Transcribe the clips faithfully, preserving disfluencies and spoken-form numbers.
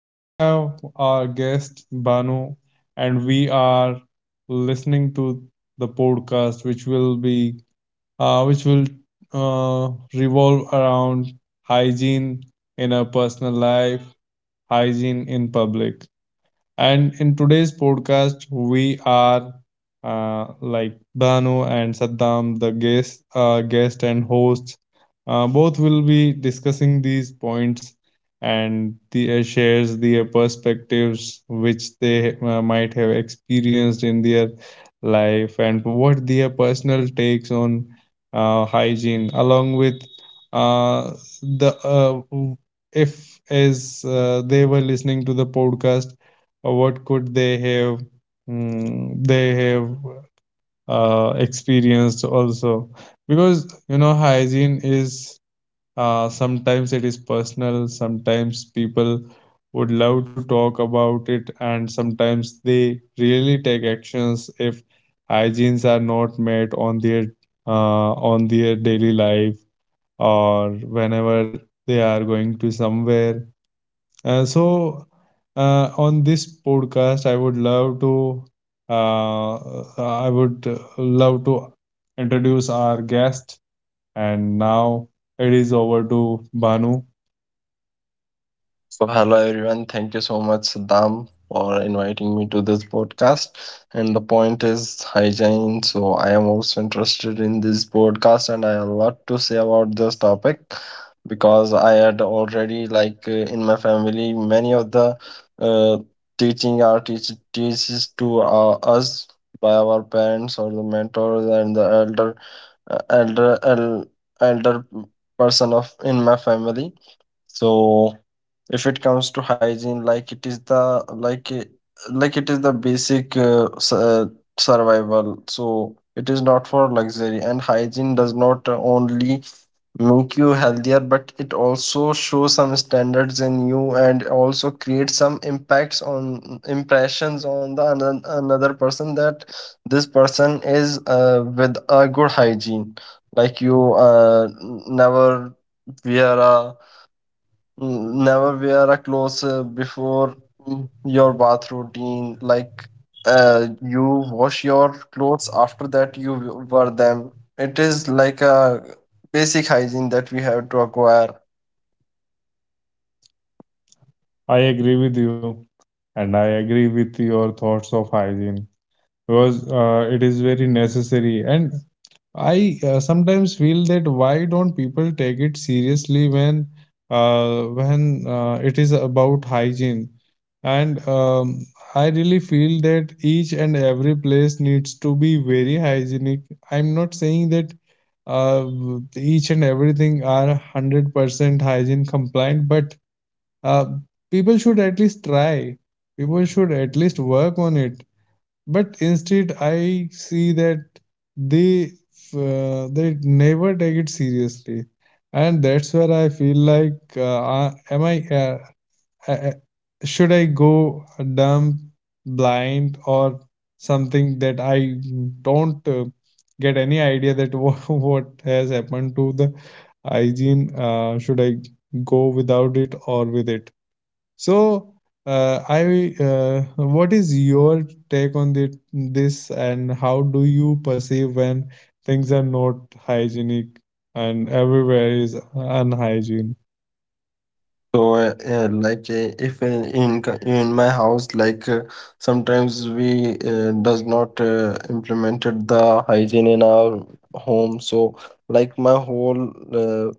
We have our guest Banu, and we are listening to the podcast, which will be, uh, which will uh, revolve around hygiene in our personal life, hygiene in public. And in today's podcast, we are uh, like Banu and Saddam, the guest, uh, guest and hosts. Uh, both will be discussing these points, and the uh, shares their perspectives which they uh, might have experienced in their life, and what their personal takes on uh, hygiene, along with uh, the uh, if as uh, they were listening to the podcast, or what could they have mm, they have uh, experienced also, because you know hygiene is, uh, sometimes it is personal, sometimes people would love to talk about it, and sometimes they really take actions if hygienes are not met on their uh, on their daily life, or whenever they are going to somewhere. Uh, so, uh, on this podcast, I would love to, uh, uh, I would uh, love to introduce our guest. And now it is over to Banu. So, hello everyone. Thank you so much, Saddam, for inviting me to this podcast. And the point is hygiene. So, I am also interested in this podcast, and I have a lot to say about this topic because I had already, like, uh, in my family, many of the uh, teaching our teach- teaches to uh, us by our parents or the mentors and the elder, uh, elder, el- elder person of in my family so if it comes to hygiene, like it is the like it- like it is the basic uh, s- uh, survival. So it is not for luxury, and hygiene does not only make you healthier, but it also shows some standards in you and also create some impacts on impressions on the another, another person that this person is uh, with a good hygiene. Like you uh, n- never wear a Mm, never wear a clothes uh, before mm, your bath routine. Like uh, you wash your clothes after that you w- wear them. It is like a basic hygiene that we have to acquire. I agree with you, and I agree with your thoughts of hygiene because uh, it is very necessary. And I uh, sometimes feel, that why don't people take it seriously when uh, when uh, it is about hygiene? And um, I really feel that each and every place needs to be very hygienic. I'm not saying that uh, each and everything are one hundred percent hygiene compliant, but uh, people should at least try. People should at least work on it. But instead, I see that they uh, they never take it seriously, and that's where I feel like, uh, uh, am I? Uh, uh, uh, should I go dumb, blind, or something that I don't uh, get any idea that what, what has happened to the hygiene? Uh, should I go without it or with it? So, uh, I uh, what is your take on the, this, and how do you perceive when things are not hygienic and everywhere is unhygiene? So, uh, uh, like, uh, if in in c- in my house, like, uh, sometimes we uh, does not uh, implemented the hygiene in our home. So, like, my whole uh,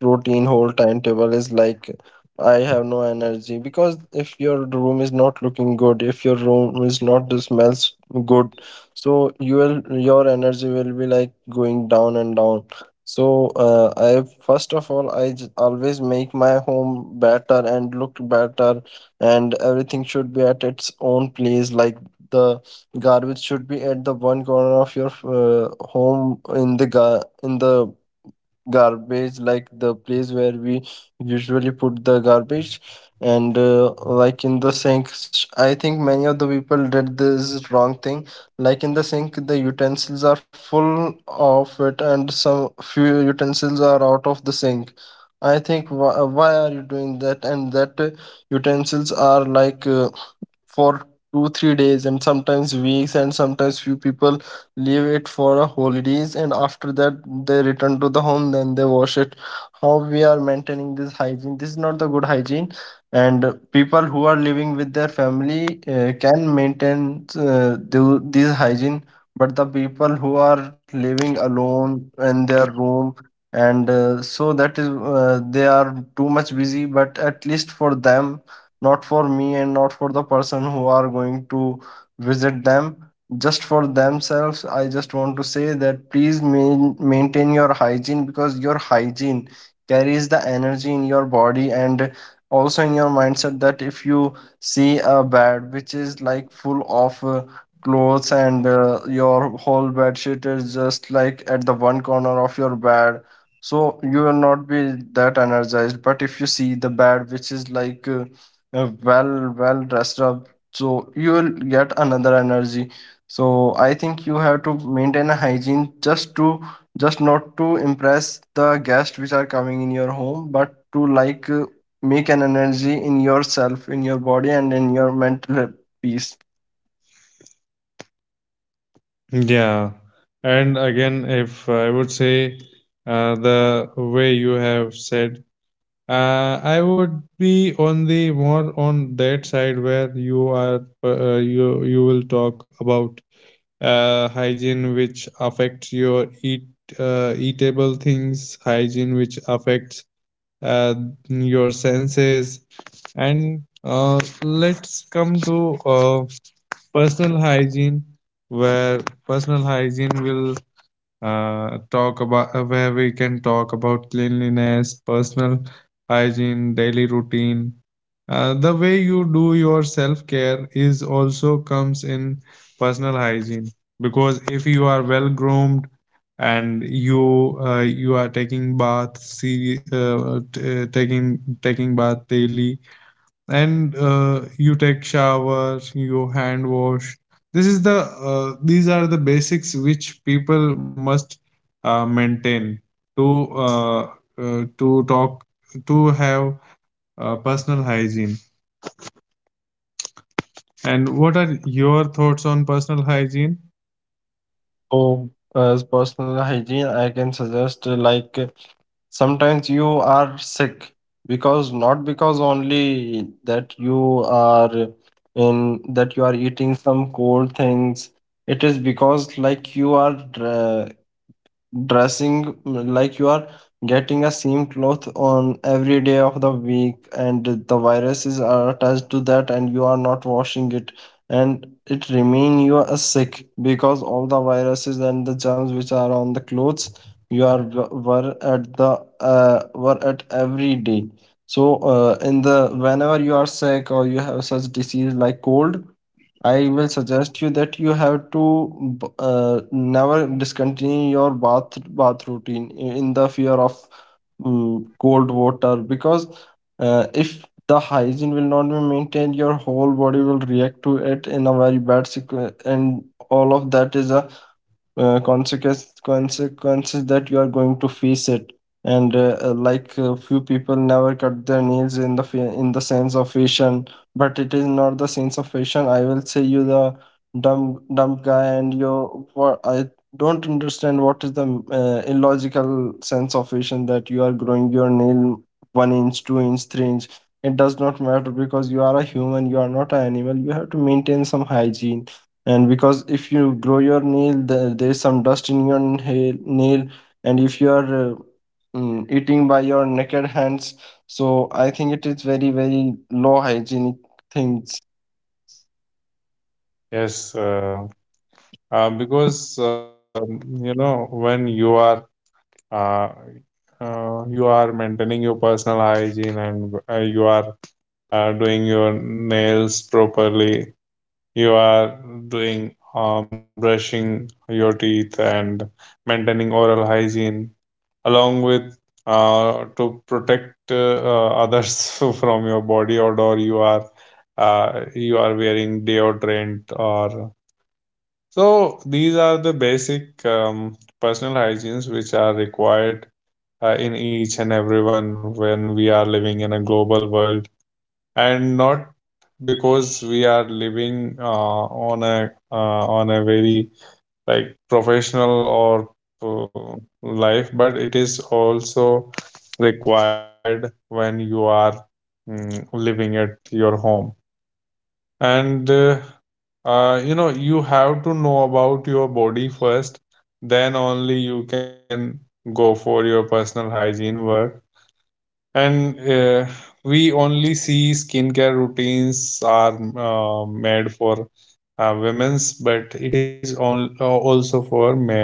routine, whole timetable is like, I have no energy because if your room is not looking good, if your room is not uh, smells good, so you will your energy will be like going down and down so, uh, I first of all, I j- always make my home better and look better, and everything should be at its own place. Like the garbage should be at the one corner of your uh, home in the ga in the garbage, like the place where we usually put the garbage. And uh, like in the sink s- I think many of the people did this wrong thing. Like in the sink, the utensils are full of it and some few utensils are out of the sink. I think why, why are you doing that? And that uh, utensils are like uh, for two three days and sometimes weeks, and sometimes few people leave it for a holidays, and after that they return to the home then they wash it. How we are maintaining this hygiene? This is not the good hygiene. And people who are living with their family uh, can maintain uh, the, this hygiene, but the people who are living alone in their room and uh, so that is uh, they are too much busy. But at least for them, not for me and not for the person who are going to visit them, just for themselves, I just want to say that please main, maintain your hygiene, because your hygiene carries the energy in your body and also in your mindset. That if you see a bed which is like full of uh, clothes and uh, your whole bed sheet is just like at the one corner of your bed, so you will not be that energized. But if you see the bed which is like uh, uh, well well dressed up, so you will get another energy. So I think you have to maintain a hygiene just to just not to impress the guests which are coming in your home, but to like uh, make an energy in yourself, in your body and in your mental peace. Yeah, and again, if I would say, uh, the way you have said, uh, I would be on the more on that side where you are uh, you you will talk about uh, hygiene, which affects your eat uh, eatable things, hygiene which affects uh, your senses. And uh, let's come to uh, personal hygiene, where personal hygiene will uh, talk about, uh, where we can talk about cleanliness, personal hygiene, daily routine. Uh, the way you do your self care is also comes in personal hygiene, because if you are well groomed and you uh, you are taking bath, see, uh, t- uh, taking taking bath daily, and uh, you take shower, you hand wash. This is the uh, these are the basics which people must uh, maintain to uh, uh, to talk to have uh, personal hygiene. And what are your thoughts on personal hygiene? So as personal hygiene I can suggest uh, like sometimes you are sick because not because only that you are in that you are eating some cold things, it is because like you are uh, dressing, mm, like you are getting a same cloth on every day of the week and the viruses are attached to that and you are not washing it, and it remain you are sick because all the viruses and the germs which are on the clothes you are were at the uh, were at every day. So uh, in the whenever you are sick or you have such disease like cold, I will suggest you that you have to b- uh, never discontinue your bath bath routine i- in the fear of mm, cold water. Because uh, if the hygiene will not be maintained, your whole body will react to it in a very bad sequence, and all of that is a uh, consequence consequences that you are going to face it. And uh, uh, like uh, few people never cut their nails in the fa- in the sense of fashion. But it is not the sense of fashion. I will say you the dumb dumb guy, and you what I don't understand, what is the uh, illogical sense of fashion that you are growing your nail one inch two inch three inch? It does not matter because you are a human, you are not an animal, you have to maintain some hygiene. And because if you grow your nail, the, there is some dust in your nail, nail. And if you are uh, mm, eating by your naked hands, so I think it is very very low hygienic things. Yes, uh, uh, because um, you know, when you are uh, uh, you are maintaining your personal hygiene, and uh, you are are doing your nails properly, you are doing, um, brushing your teeth and maintaining oral hygiene, along with uh, to protect uh, uh, others from your body odor, you are, uh, you are wearing deodorant, or so these are the basic um, personal hygienes which are required uh, in each and everyone when we are living in a global world, and not because we are living uh, on a uh, on a very, like, professional or uh, life, but it is also required when you are mm, living at your home. And uh, uh, you know, you have to know about your body first. Then only you can go for your personal hygiene work. And uh, we only see skincare routines are uh, made for uh, women's, but it is on, uh, also for men.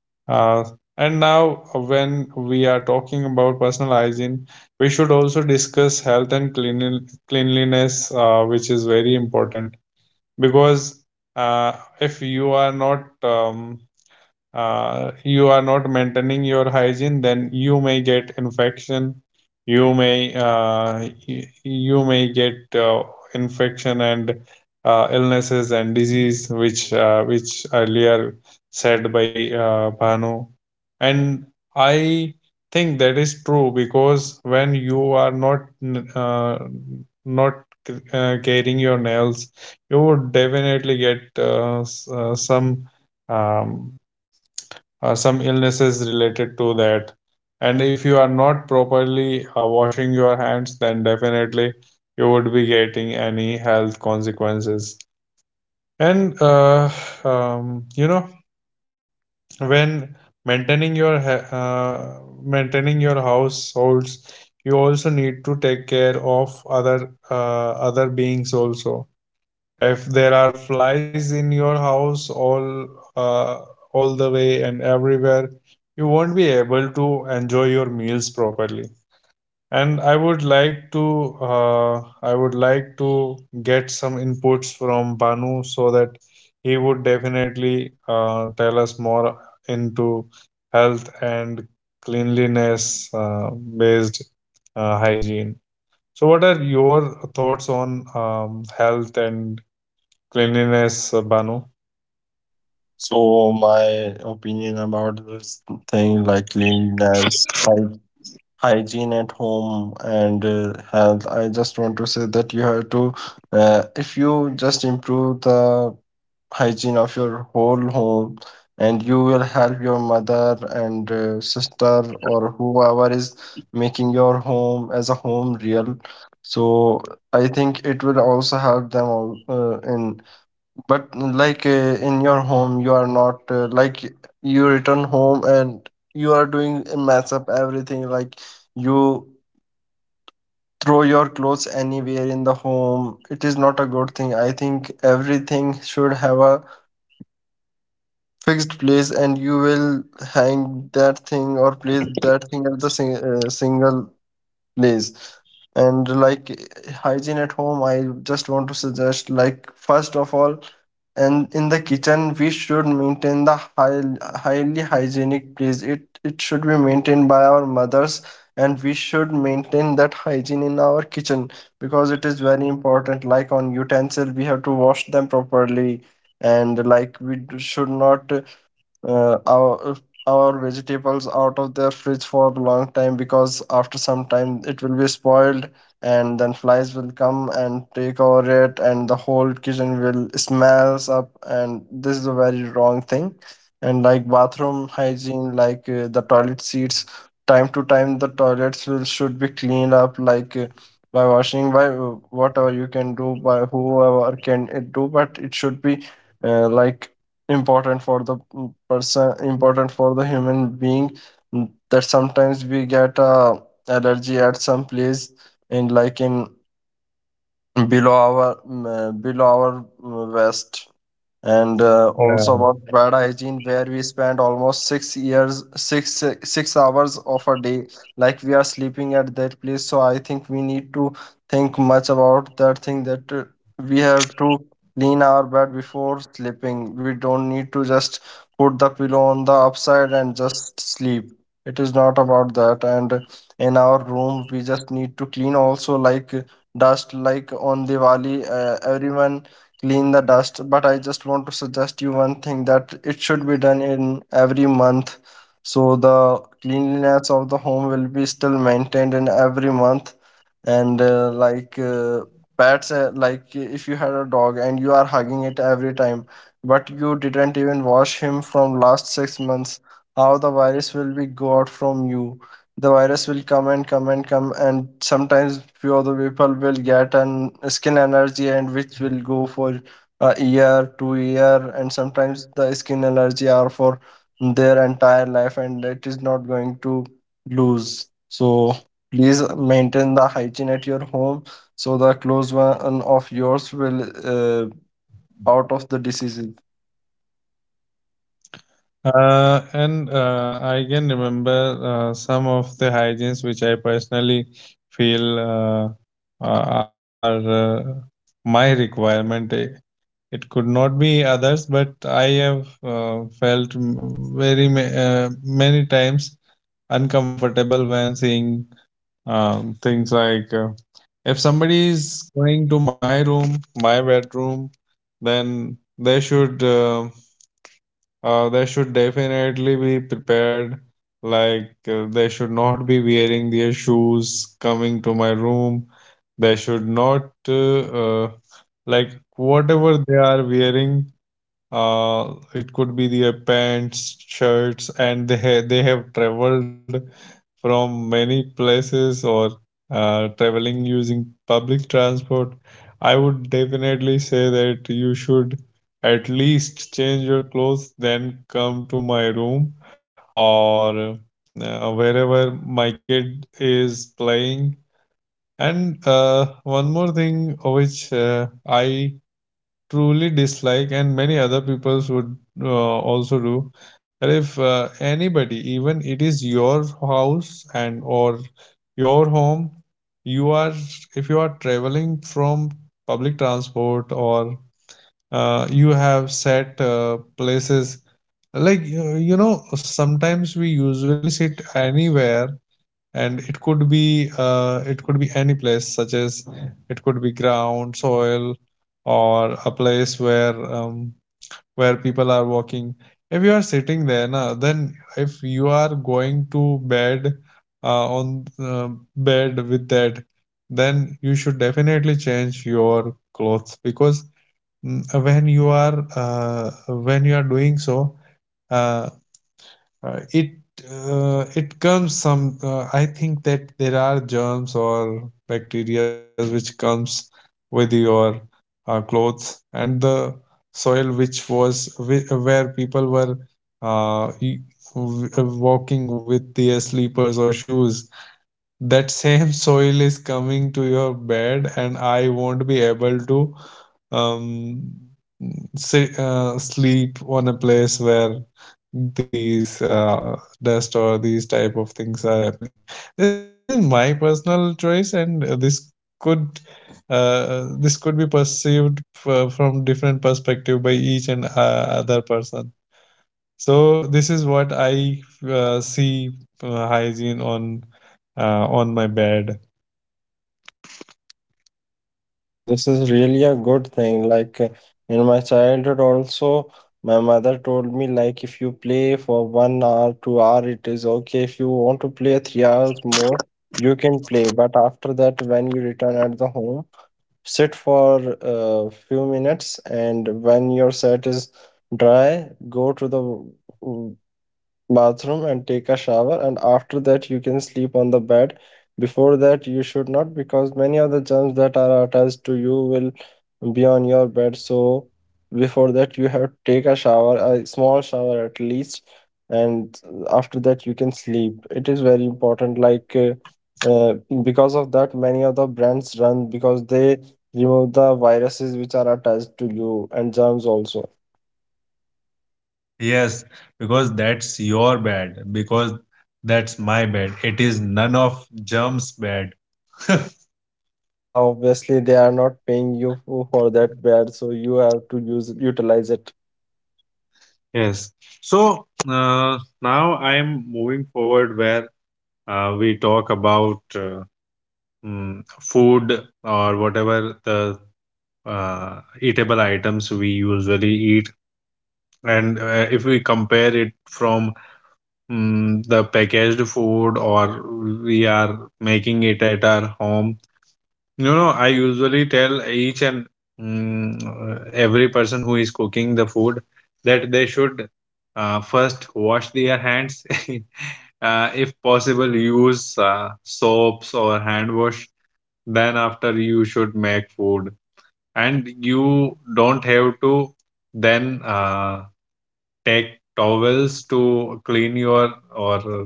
Uh, And now, uh, when we are talking about personal hygiene, we should also discuss health and clean, cleanliness, uh, which is very important. Because uh, if you are not um, uh, you are not maintaining your hygiene, then you may get infection. You may uh, y- you may get uh, infection and uh, illnesses and disease, which uh, which earlier said by uh, Bhanu. And I think that is true, because when you are not n- uh, not uh, carrying your nails, you would definitely get uh, s- uh, some, um, uh, some illnesses related to that. And if you are not properly uh, washing your hands, then definitely you would be getting any health consequences. And uh, um, you know, when maintaining your ha- uh, maintaining your households, you also need to take care of other uh, other beings also. If there are flies in your house, all uh, all the way and everywhere, you won't be able to enjoy your meals properly. And I would like to uh, I would like to get some inputs from Banu, so that he would definitely uh, tell us more into health and cleanliness, uh, based uh, hygiene. So what are your thoughts on um, health and Cleanliness, uh, Banu? So my opinion about this thing like cleanliness, hygiene at home and uh, health, I just want to say that you have to uh, if you just improve the hygiene of your whole home and you will help your mother and uh, sister or whoever is making your home as a home real. So I think it will also help them all, uh, in but mm, like uh, in your home, you are not uh, like, you return home and you are doing a mess up everything. Like you throw your clothes anywhere in the home. It is not a good thing. I think everything should have a fixed place, and you will hang that thing or place that thing at the sing- uh, single place. And like eh, hygiene at home, I just want to suggest like first of all, and in the kitchen we should maintain the high, highly hygienic place. it it should be maintained by our mothers, and we should maintain that hygiene in our kitchen because it is very important. Like on utensil we have to wash them properly, and like we d- should not uh, our our vegetables out of their fridge for a long time because after some time it will be spoiled, and then flies will come and take over it and the whole kitchen will smells up, and this is a very wrong thing. And like bathroom hygiene, like uh, the toilet seats, time to time the toilets will should be cleaned up, like uh, by washing, by uh, whatever you can do, by whoever can it do. But it should be uh, like important for the mm, person, important for the human being, mm, that sometimes we get uh, allergy at some place, in like in below our mm, uh, below our mm, waist. And uh, also Yeah. about bad hygiene where we spend almost six years six six hours of a day, like we are sleeping at that place. So I think we need to think much about that thing, that uh, we have to clean our bed before sleeping. We don't need to just put the pillow on the upside and just sleep. It is not about that. And in our room we just need to clean also, like uh, dust. Like on Diwali uh, everyone clean the dust, but I just want to suggest you one thing that it should be done in every month, so the cleanliness of the home will be still maintained in every month. And uh, like uh, pets, uh, like if you had a dog and you are hugging it every time but you didn't even wash him from last six months, how the virus will be go out from you? The virus will come and come and come, and sometimes few of the people will get an skin allergy and which will go for a year two year, and sometimes the skin allergy are for their entire life and it is not going to lose. So please maintain the hygiene at your home so the close one of yours will uh, out of the diseases. Uh, and uh, I can remember uh, some of the hygienes which I personally feel uh, uh, are uh, my requirement. It it could not be others, but I have uh, felt, m- very, ma- uh, many times uncomfortable, when seeing um, things like, uh, if somebody is going to my room, my bedroom, then they should. Uh, uh, they should definitely be prepared. Like, uh, they should not be wearing their shoes coming to my room. They should not, uh, uh, like, whatever they are wearing, uh it could be their pants, shirts, and they ha- they have traveled from many places, or uh, traveling using public transport. I would definitely say that you should at least change your clothes, then come to my room, or uh, wherever my kid is playing. And uh, one more thing which uh, I truly dislike, and many other peoples would uh, also do. But if uh, anybody, even it is your house and or your home, you are if you are traveling from public transport, or uh, you have set uh, places, like, you you know sometimes we usually sit anywhere, and it could be uh, it could be any place, such as it could be ground soil, or a place where um, where people are walking. If you are sitting there na, then if you are going to bed, uh, on uh, bed with that, then you should definitely change your clothes. Because mm, when you are uh, when you are doing so, uh, uh, it uh, it comes some, uh, I think that there are germs or bacteria which comes with your uh, clothes and the soil, which was whi- where people were, uh, e- w- uh, walking with their slippers or shoes, that same soil is coming to your bed. And I won't be able to um, sit, uh, sleep on a place where these uh, dust or these type of things are happening. This is my personal choice, and uh, this could, uh, this could be perceived f- from different perspective by each and uh, other person. So this is what I uh, see uh, hygiene on uh, on my bed. So this is really a good thing. Like uh, in my childhood also, my mother told me like if you play for one hour, two hour, it is okay. If you want to play three hours more, you can play. But after that, when you return at the home, sit for a few minutes, and when your set is dry, go to the bathroom and take a shower, and after that you can sleep on the bed. Before that you should not, because many of the germs that are attached to you will be on your bed. So before that you have to take a shower, a small shower at least, and after that you can sleep. It is very important. like uh, uh, because of that, many of the brands run, because they remove the viruses which are attached to you and germs also. Yes, because that's your bad, because that's my bad. It is none of Germ's bad. Yeah, obviously they are not paying you fo- for that bad, so you have to use utilize it. Yes. So uh, now I'm moving forward, where uh, we talk about uh, mm, food or whatever the uh, eatable items we usually eat. And uh, if we compare it from, mm, the packaged food or we are making it at our home. You know, I usually tell each and mm, every person who is cooking the food that they should uh, first wash their hands. Uh, if possible, use uh, soaps or hand wash. Then after, you should make food, and you don't have to then uh, take towels to clean your, or uh,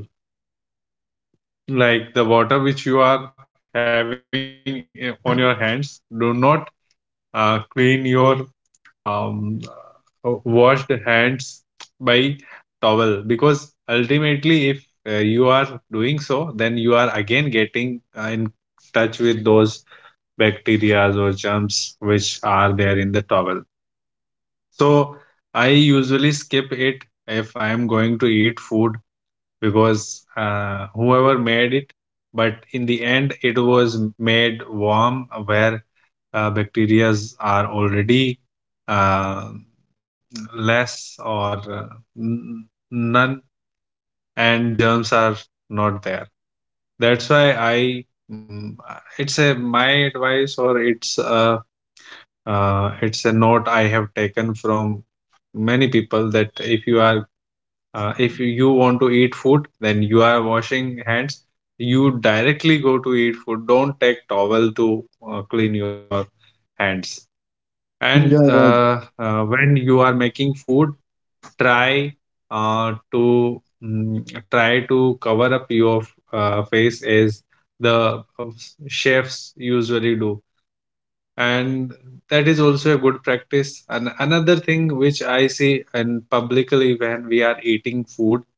like, the water which you are having, eh, on your hands. Do not uh, clean your um, uh, washed hands by towel, because ultimately if uh, you are doing so, then you are again getting uh, in touch with those bacteria or germs which are there in the towel. So I usually skip it if I am going to eat food, because uh, whoever made it, but in the end it was made warm where uh, bacterias are already uh, less or uh, n- none, and germs are not there. That's why I mm, it's a my advice, or it's a uh, it's a note I have taken from many people that if you are uh, if you want to eat food, then you are washing hands, you directly go to eat food, don't take towel to uh, clean your hands. And Yeah, yeah. uh, uh, when you are making food, try uh, to mm, try to cover up your uh, face as the uh, chefs usually do, and that is also a good practice. And another thing which I see, and publicly when we are eating food,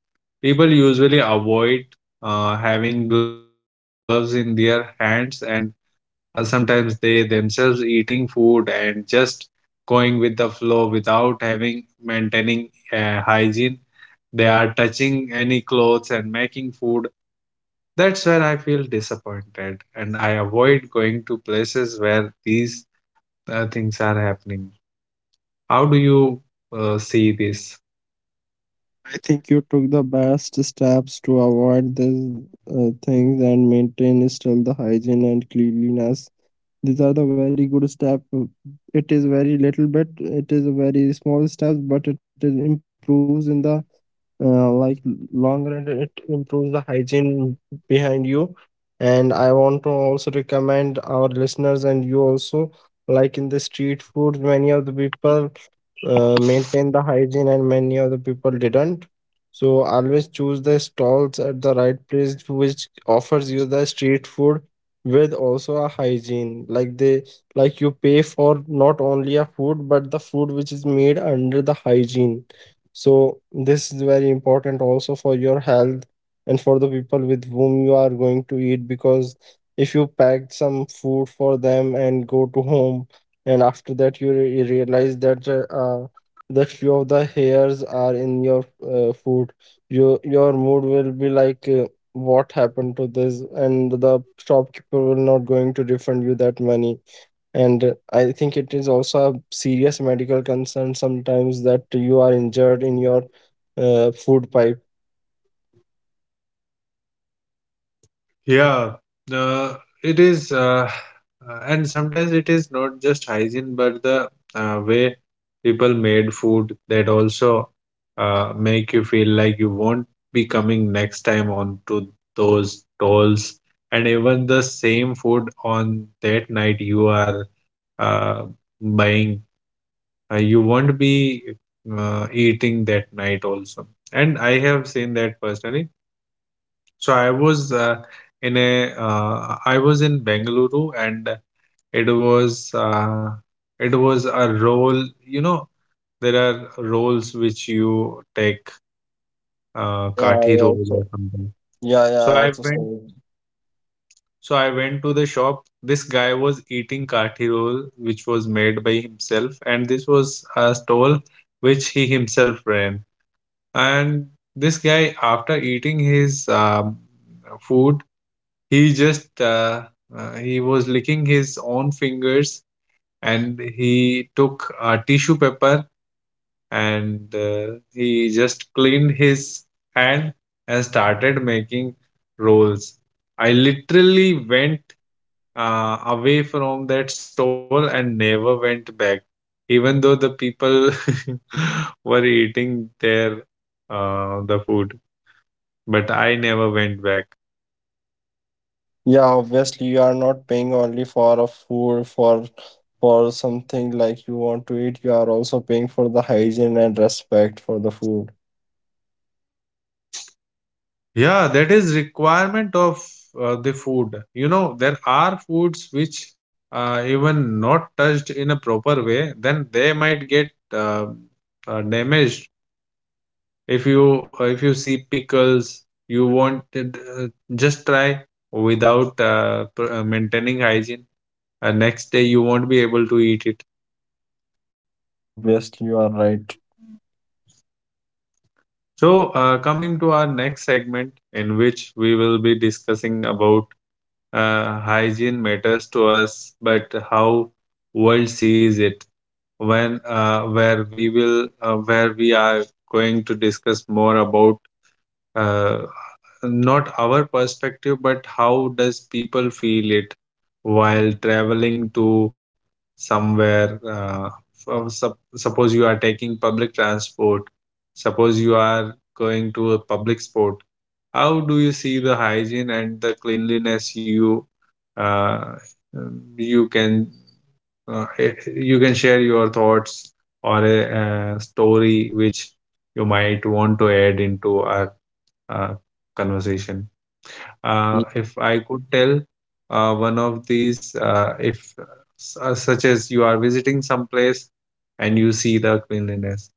people usually avoid uh, having gloves in their hands, and uh, sometimes they themselves eating food and just going with the flow without having maintaining uh, hygiene. They are touching any clothes and making food. That's where I feel disappointed, and I avoid going to places where these uh, things are happening. How do you uh, see this? I think you took the best steps to avoid these uh, things and maintain still the hygiene and cleanliness. These are the very good step. Uh, It is very little bit. It is very small steps, but it is improves in the uh, like long run. It improves the hygiene behind you. And I want to also recommend our listeners and you also, like in the street food, many of the people uh, maintain the hygiene and many of the people didn't. So always choose the stalls at the right place which offers you the street food with also a hygiene, like they, like you pay for not only a food, but the food which is made under the hygiene. So this is very important also for your health and for the people with whom you are going to eat, because if you packed some food for them and go to home, and after that you re- realize that uh, uh, that few of the hairs are in your uh, food, your your mood will be like uh, what happened to this. And the shopkeeper will not going to refund you that money. And I think it is also a serious medical concern sometimes that you are injured in your uh, food pipe. Yeah, uh, it is, uh, uh, and sometimes it is not just hygiene, but the uh, way people made food, that also uh, make you feel like you won't be coming next time onto those tolls, and even the same food on that night you are uh, buying, uh, you won't be uh, eating that night also. And I have seen that personally. So I was uh, in a uh, I was in Bengaluru, and it was uh, it was a role. You know, there are roles which you take, Yeah, uh, yeah, I kathi roll also. or something. Yeah, yeah, I So I also went. saw it. So I went to the shop. This guy was eating kathi roll, which was made by himself, and this was a stall which he himself ran. And this guy, after eating his um food, he just uh, uh, he was licking his own fingers, and he took a tissue paper, and uh, he just cleaned his hand, and started making rolls. I literally went uh, away from that stall and never went back, even though the people were eating their uh, the food, but I never went back. Yeah, obviously you are not paying only for a food, for for something like you want to eat. You are also paying for the hygiene and respect for the food. Yeah, that is requirement of uh, the food. You know, there are foods which uh, even not touched in a proper way, then they might get uh, uh, damaged. If you uh, if you see pickles, you want it, uh, just try without uh, pr- uh, maintaining hygiene. Uh, next day you won't be able to eat it. Yeah, obviously you are right. So, uh, coming to our next segment, in which we will be discussing about uh, hygiene matters to us, but how world sees it. When uh, where we will uh, Where we are going to discuss more about uh, not our perspective, but how does people feel it while traveling to somewhere. Uh, from, sup- suppose you are taking public transport. Suppose you are going to a public sport, how do you see the hygiene and the cleanliness? You uh, you can uh, eh, you can share your thoughts, or a, a story which you might want to add into our uh, conversation. Uh, if I could tell uh, one of these, uh, if su- such as you are visiting some place and you see the cleanliness.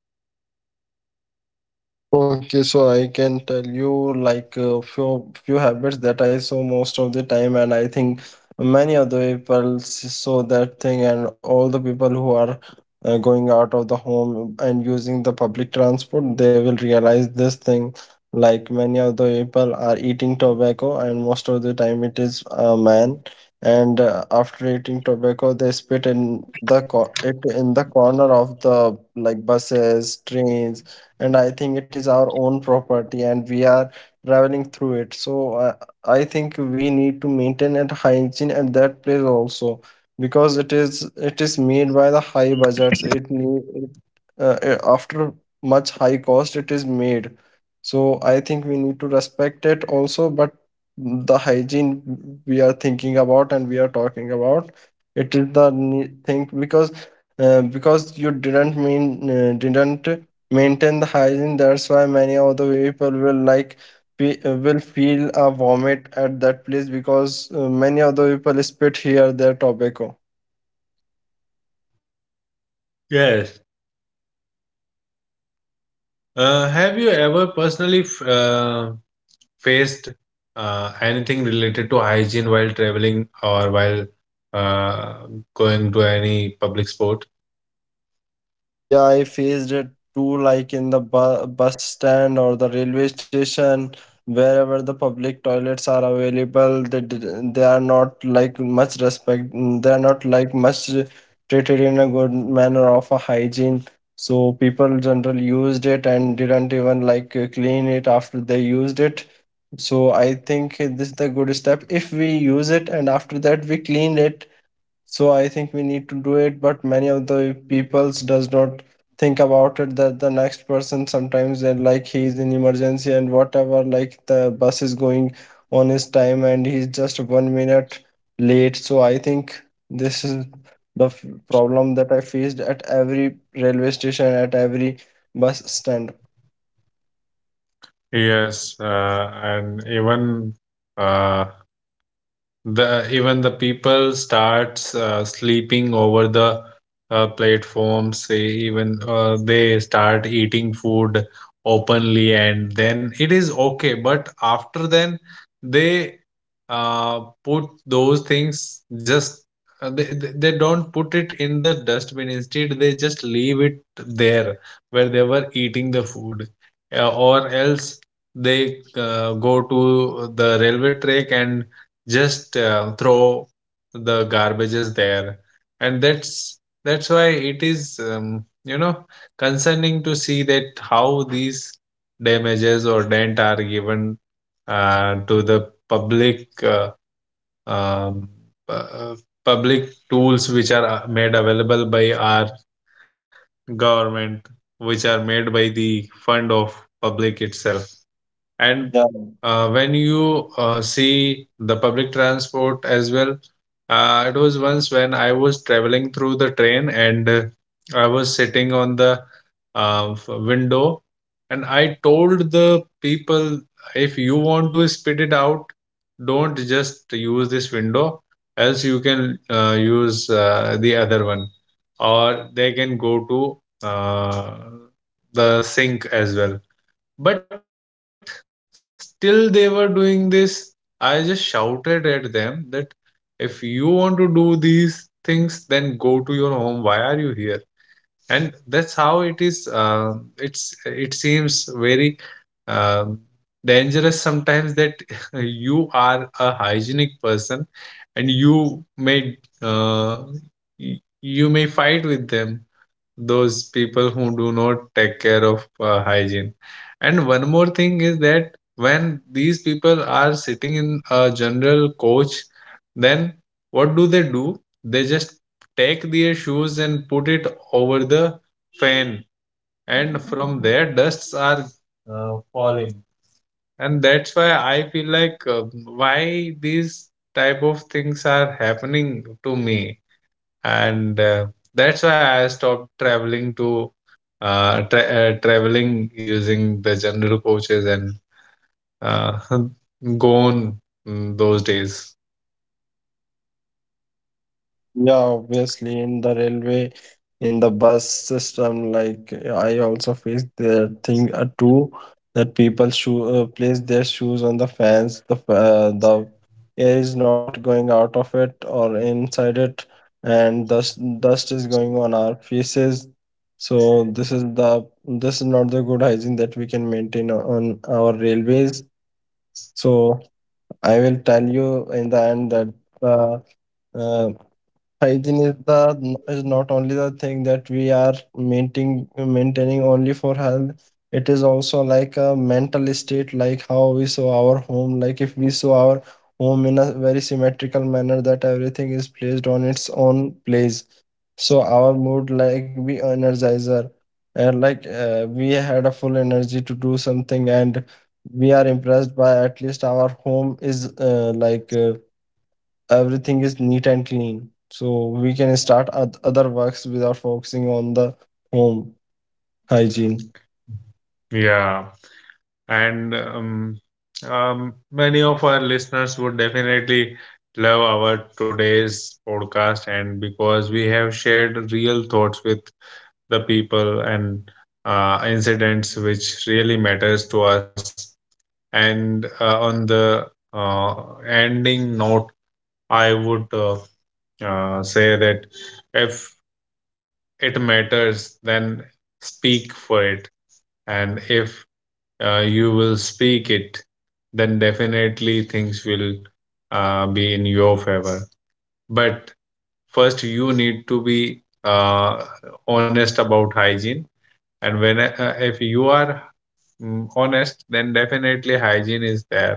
Okay, so I can tell you like a few few habits that I saw most of the time, and I think many other people s- saw that thing, and all the people who are uh, going out of the home and using the public transport, they will realize this thing. Like many of the people are eating tobacco, and most of the time it is a man. And uh, after eating tobacco, they spit in the co- it in the corner of the like buses, trains. And I think it is our own property and we are traveling through it. So uh, I think we need to maintain that hygiene at that place also, because it is, it is made by the high budgets, it need it, uh, uh, after much high cost it is made. So I think we need to respect it also. But the hygiene we are thinking about and we are talking about, it is the ne- thing. Because uh, because you didn't mean uh, didn't maintain the hygiene, that's why many of the people will like fe- uh, will feel a vomit at that place, because uh, many of the people spit here their tobacco. Yes. Uh, have you ever personally f- uh, faced uh, anything related to hygiene while traveling or while uh, going to any public sport? Yeah, I faced it too, like in the bu- bus stand or the railway station, wherever the public toilets are available. They did- they are not like much respect. mm, They are not like much treated in a good manner of a hygiene. So people generally used it and didn't even like uh, clean it after they used it. So I think uh, this is the good step. If we use it and after that we clean it, so I think we need to do it. But many of the peoples does not think about it, that the next person, sometimes they're like he's in emergency and whatever, like the bus is going on his time and he's just one minute late. So I think this is the f- problem that I faced at every railway station, at every bus stand. Yes. Uh, and even uh, the even the people starts uh, sleeping over the uh, platforms, say even uh, they start eating food openly, and then it is okay, but after then they uh, put those things. Just uh, they, they they don't put it in the dustbin, instead they just leave it there where they were eating the food, uh, or else they uh, go to the railway track and just uh, throw the garbages there, and that's that's why it is, um, you know concerning to see that how these damages or dent are given uh, to the public uh, um, uh, public tools which are uh, made available by our government, which are made by the fund of public itself. And Yeah. uh, when you uh, see the public transport as well. Uh, it was once when I was traveling through the train, and uh, I was sitting on the uh, f- window, and I told the people, if you want to spit it out, don't just use this window, else you can uh, use uh, the other one, or they can go to uh, the sink as well, but still they were doing this. I just shouted at them that if you want to do these things, then go to your home, why are you here? And that's how it is. Uh, it's it seems very um, dangerous sometimes that you are a hygienic person, and you may uh, y- you may fight with them, those people who do not take care of uh, hygiene. And one more thing is that when these people are sitting in a general coach, then what do they do? They just take their shoes and put it over the fan, and from there dusts are uh, falling, and that's why I feel like uh, why these type of things are happening to me. And uh, that's why I stopped traveling to uh, tra- uh, traveling using the general coaches, and uh, gone mm, those days. Yeah, obviously, in the railway, in the bus system, like I also faced the thing uh, too, that people shoe uh, place their shoes on the fans. The fa- uh, the air is not going out of it or inside it, and dust dust is going on our faces. So this is the, this is not the good hygiene that we can maintain o- on our railways. So I will tell you in the end that. Uh, uh, Hygiene is the, is not only the thing that we are maintaining, maintaining only for health. It is also like a mental state, like how we saw our home. Like if we saw our home in a very symmetrical manner, that everything is placed on its own place, so our mood, like we energizer, and like uh, we had a full energy to do something. And we are impressed by at least our home is uh, like uh, everything is neat and clean, so we can start oth- other works without focusing on the home hygiene. Yeah, and um, um, many of our listeners would definitely love our today's podcast, and because we have shared real thoughts with the people and uh, incidents which really matters to us. And uh, on the uh, ending note, I would uh, uh, say that if it matters, then speak for it. And if uh, you will speak it, then definitely things will uh, be in your favor. But first, you need to be uh, honest about hygiene. And when uh, if you are mm, honest, then definitely hygiene is there.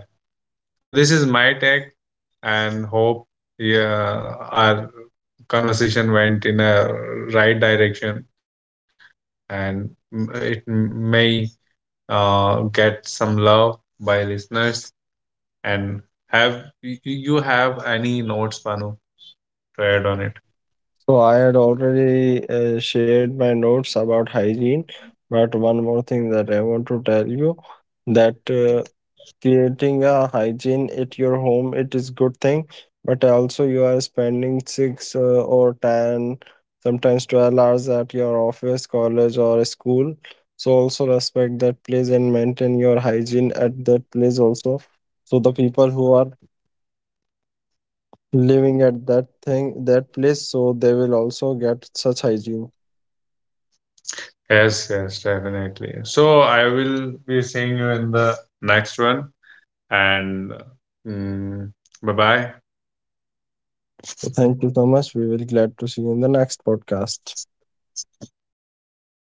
So this is my take, and hope, yeah, our conversation went in a right direction, and m- it m- may uh, get some love by listeners. And have y- y- you have any notes, Panu, to add on it? So I had already uh, shared my notes about hygiene, but one more thing that I want to tell you, that uh, creating a hygiene at your home, it is good thing. But also you are spending six uh, or ten, sometimes twelve hours at your office, college or school. So also respect that place and maintain your hygiene at that place also. So the people who are living at that thing, that place, so they will also get such hygiene. Yes, yes, definitely. So I will be seeing you in the next one, and mm, bye bye. So thank you so much. We will glad to see you in the next podcast.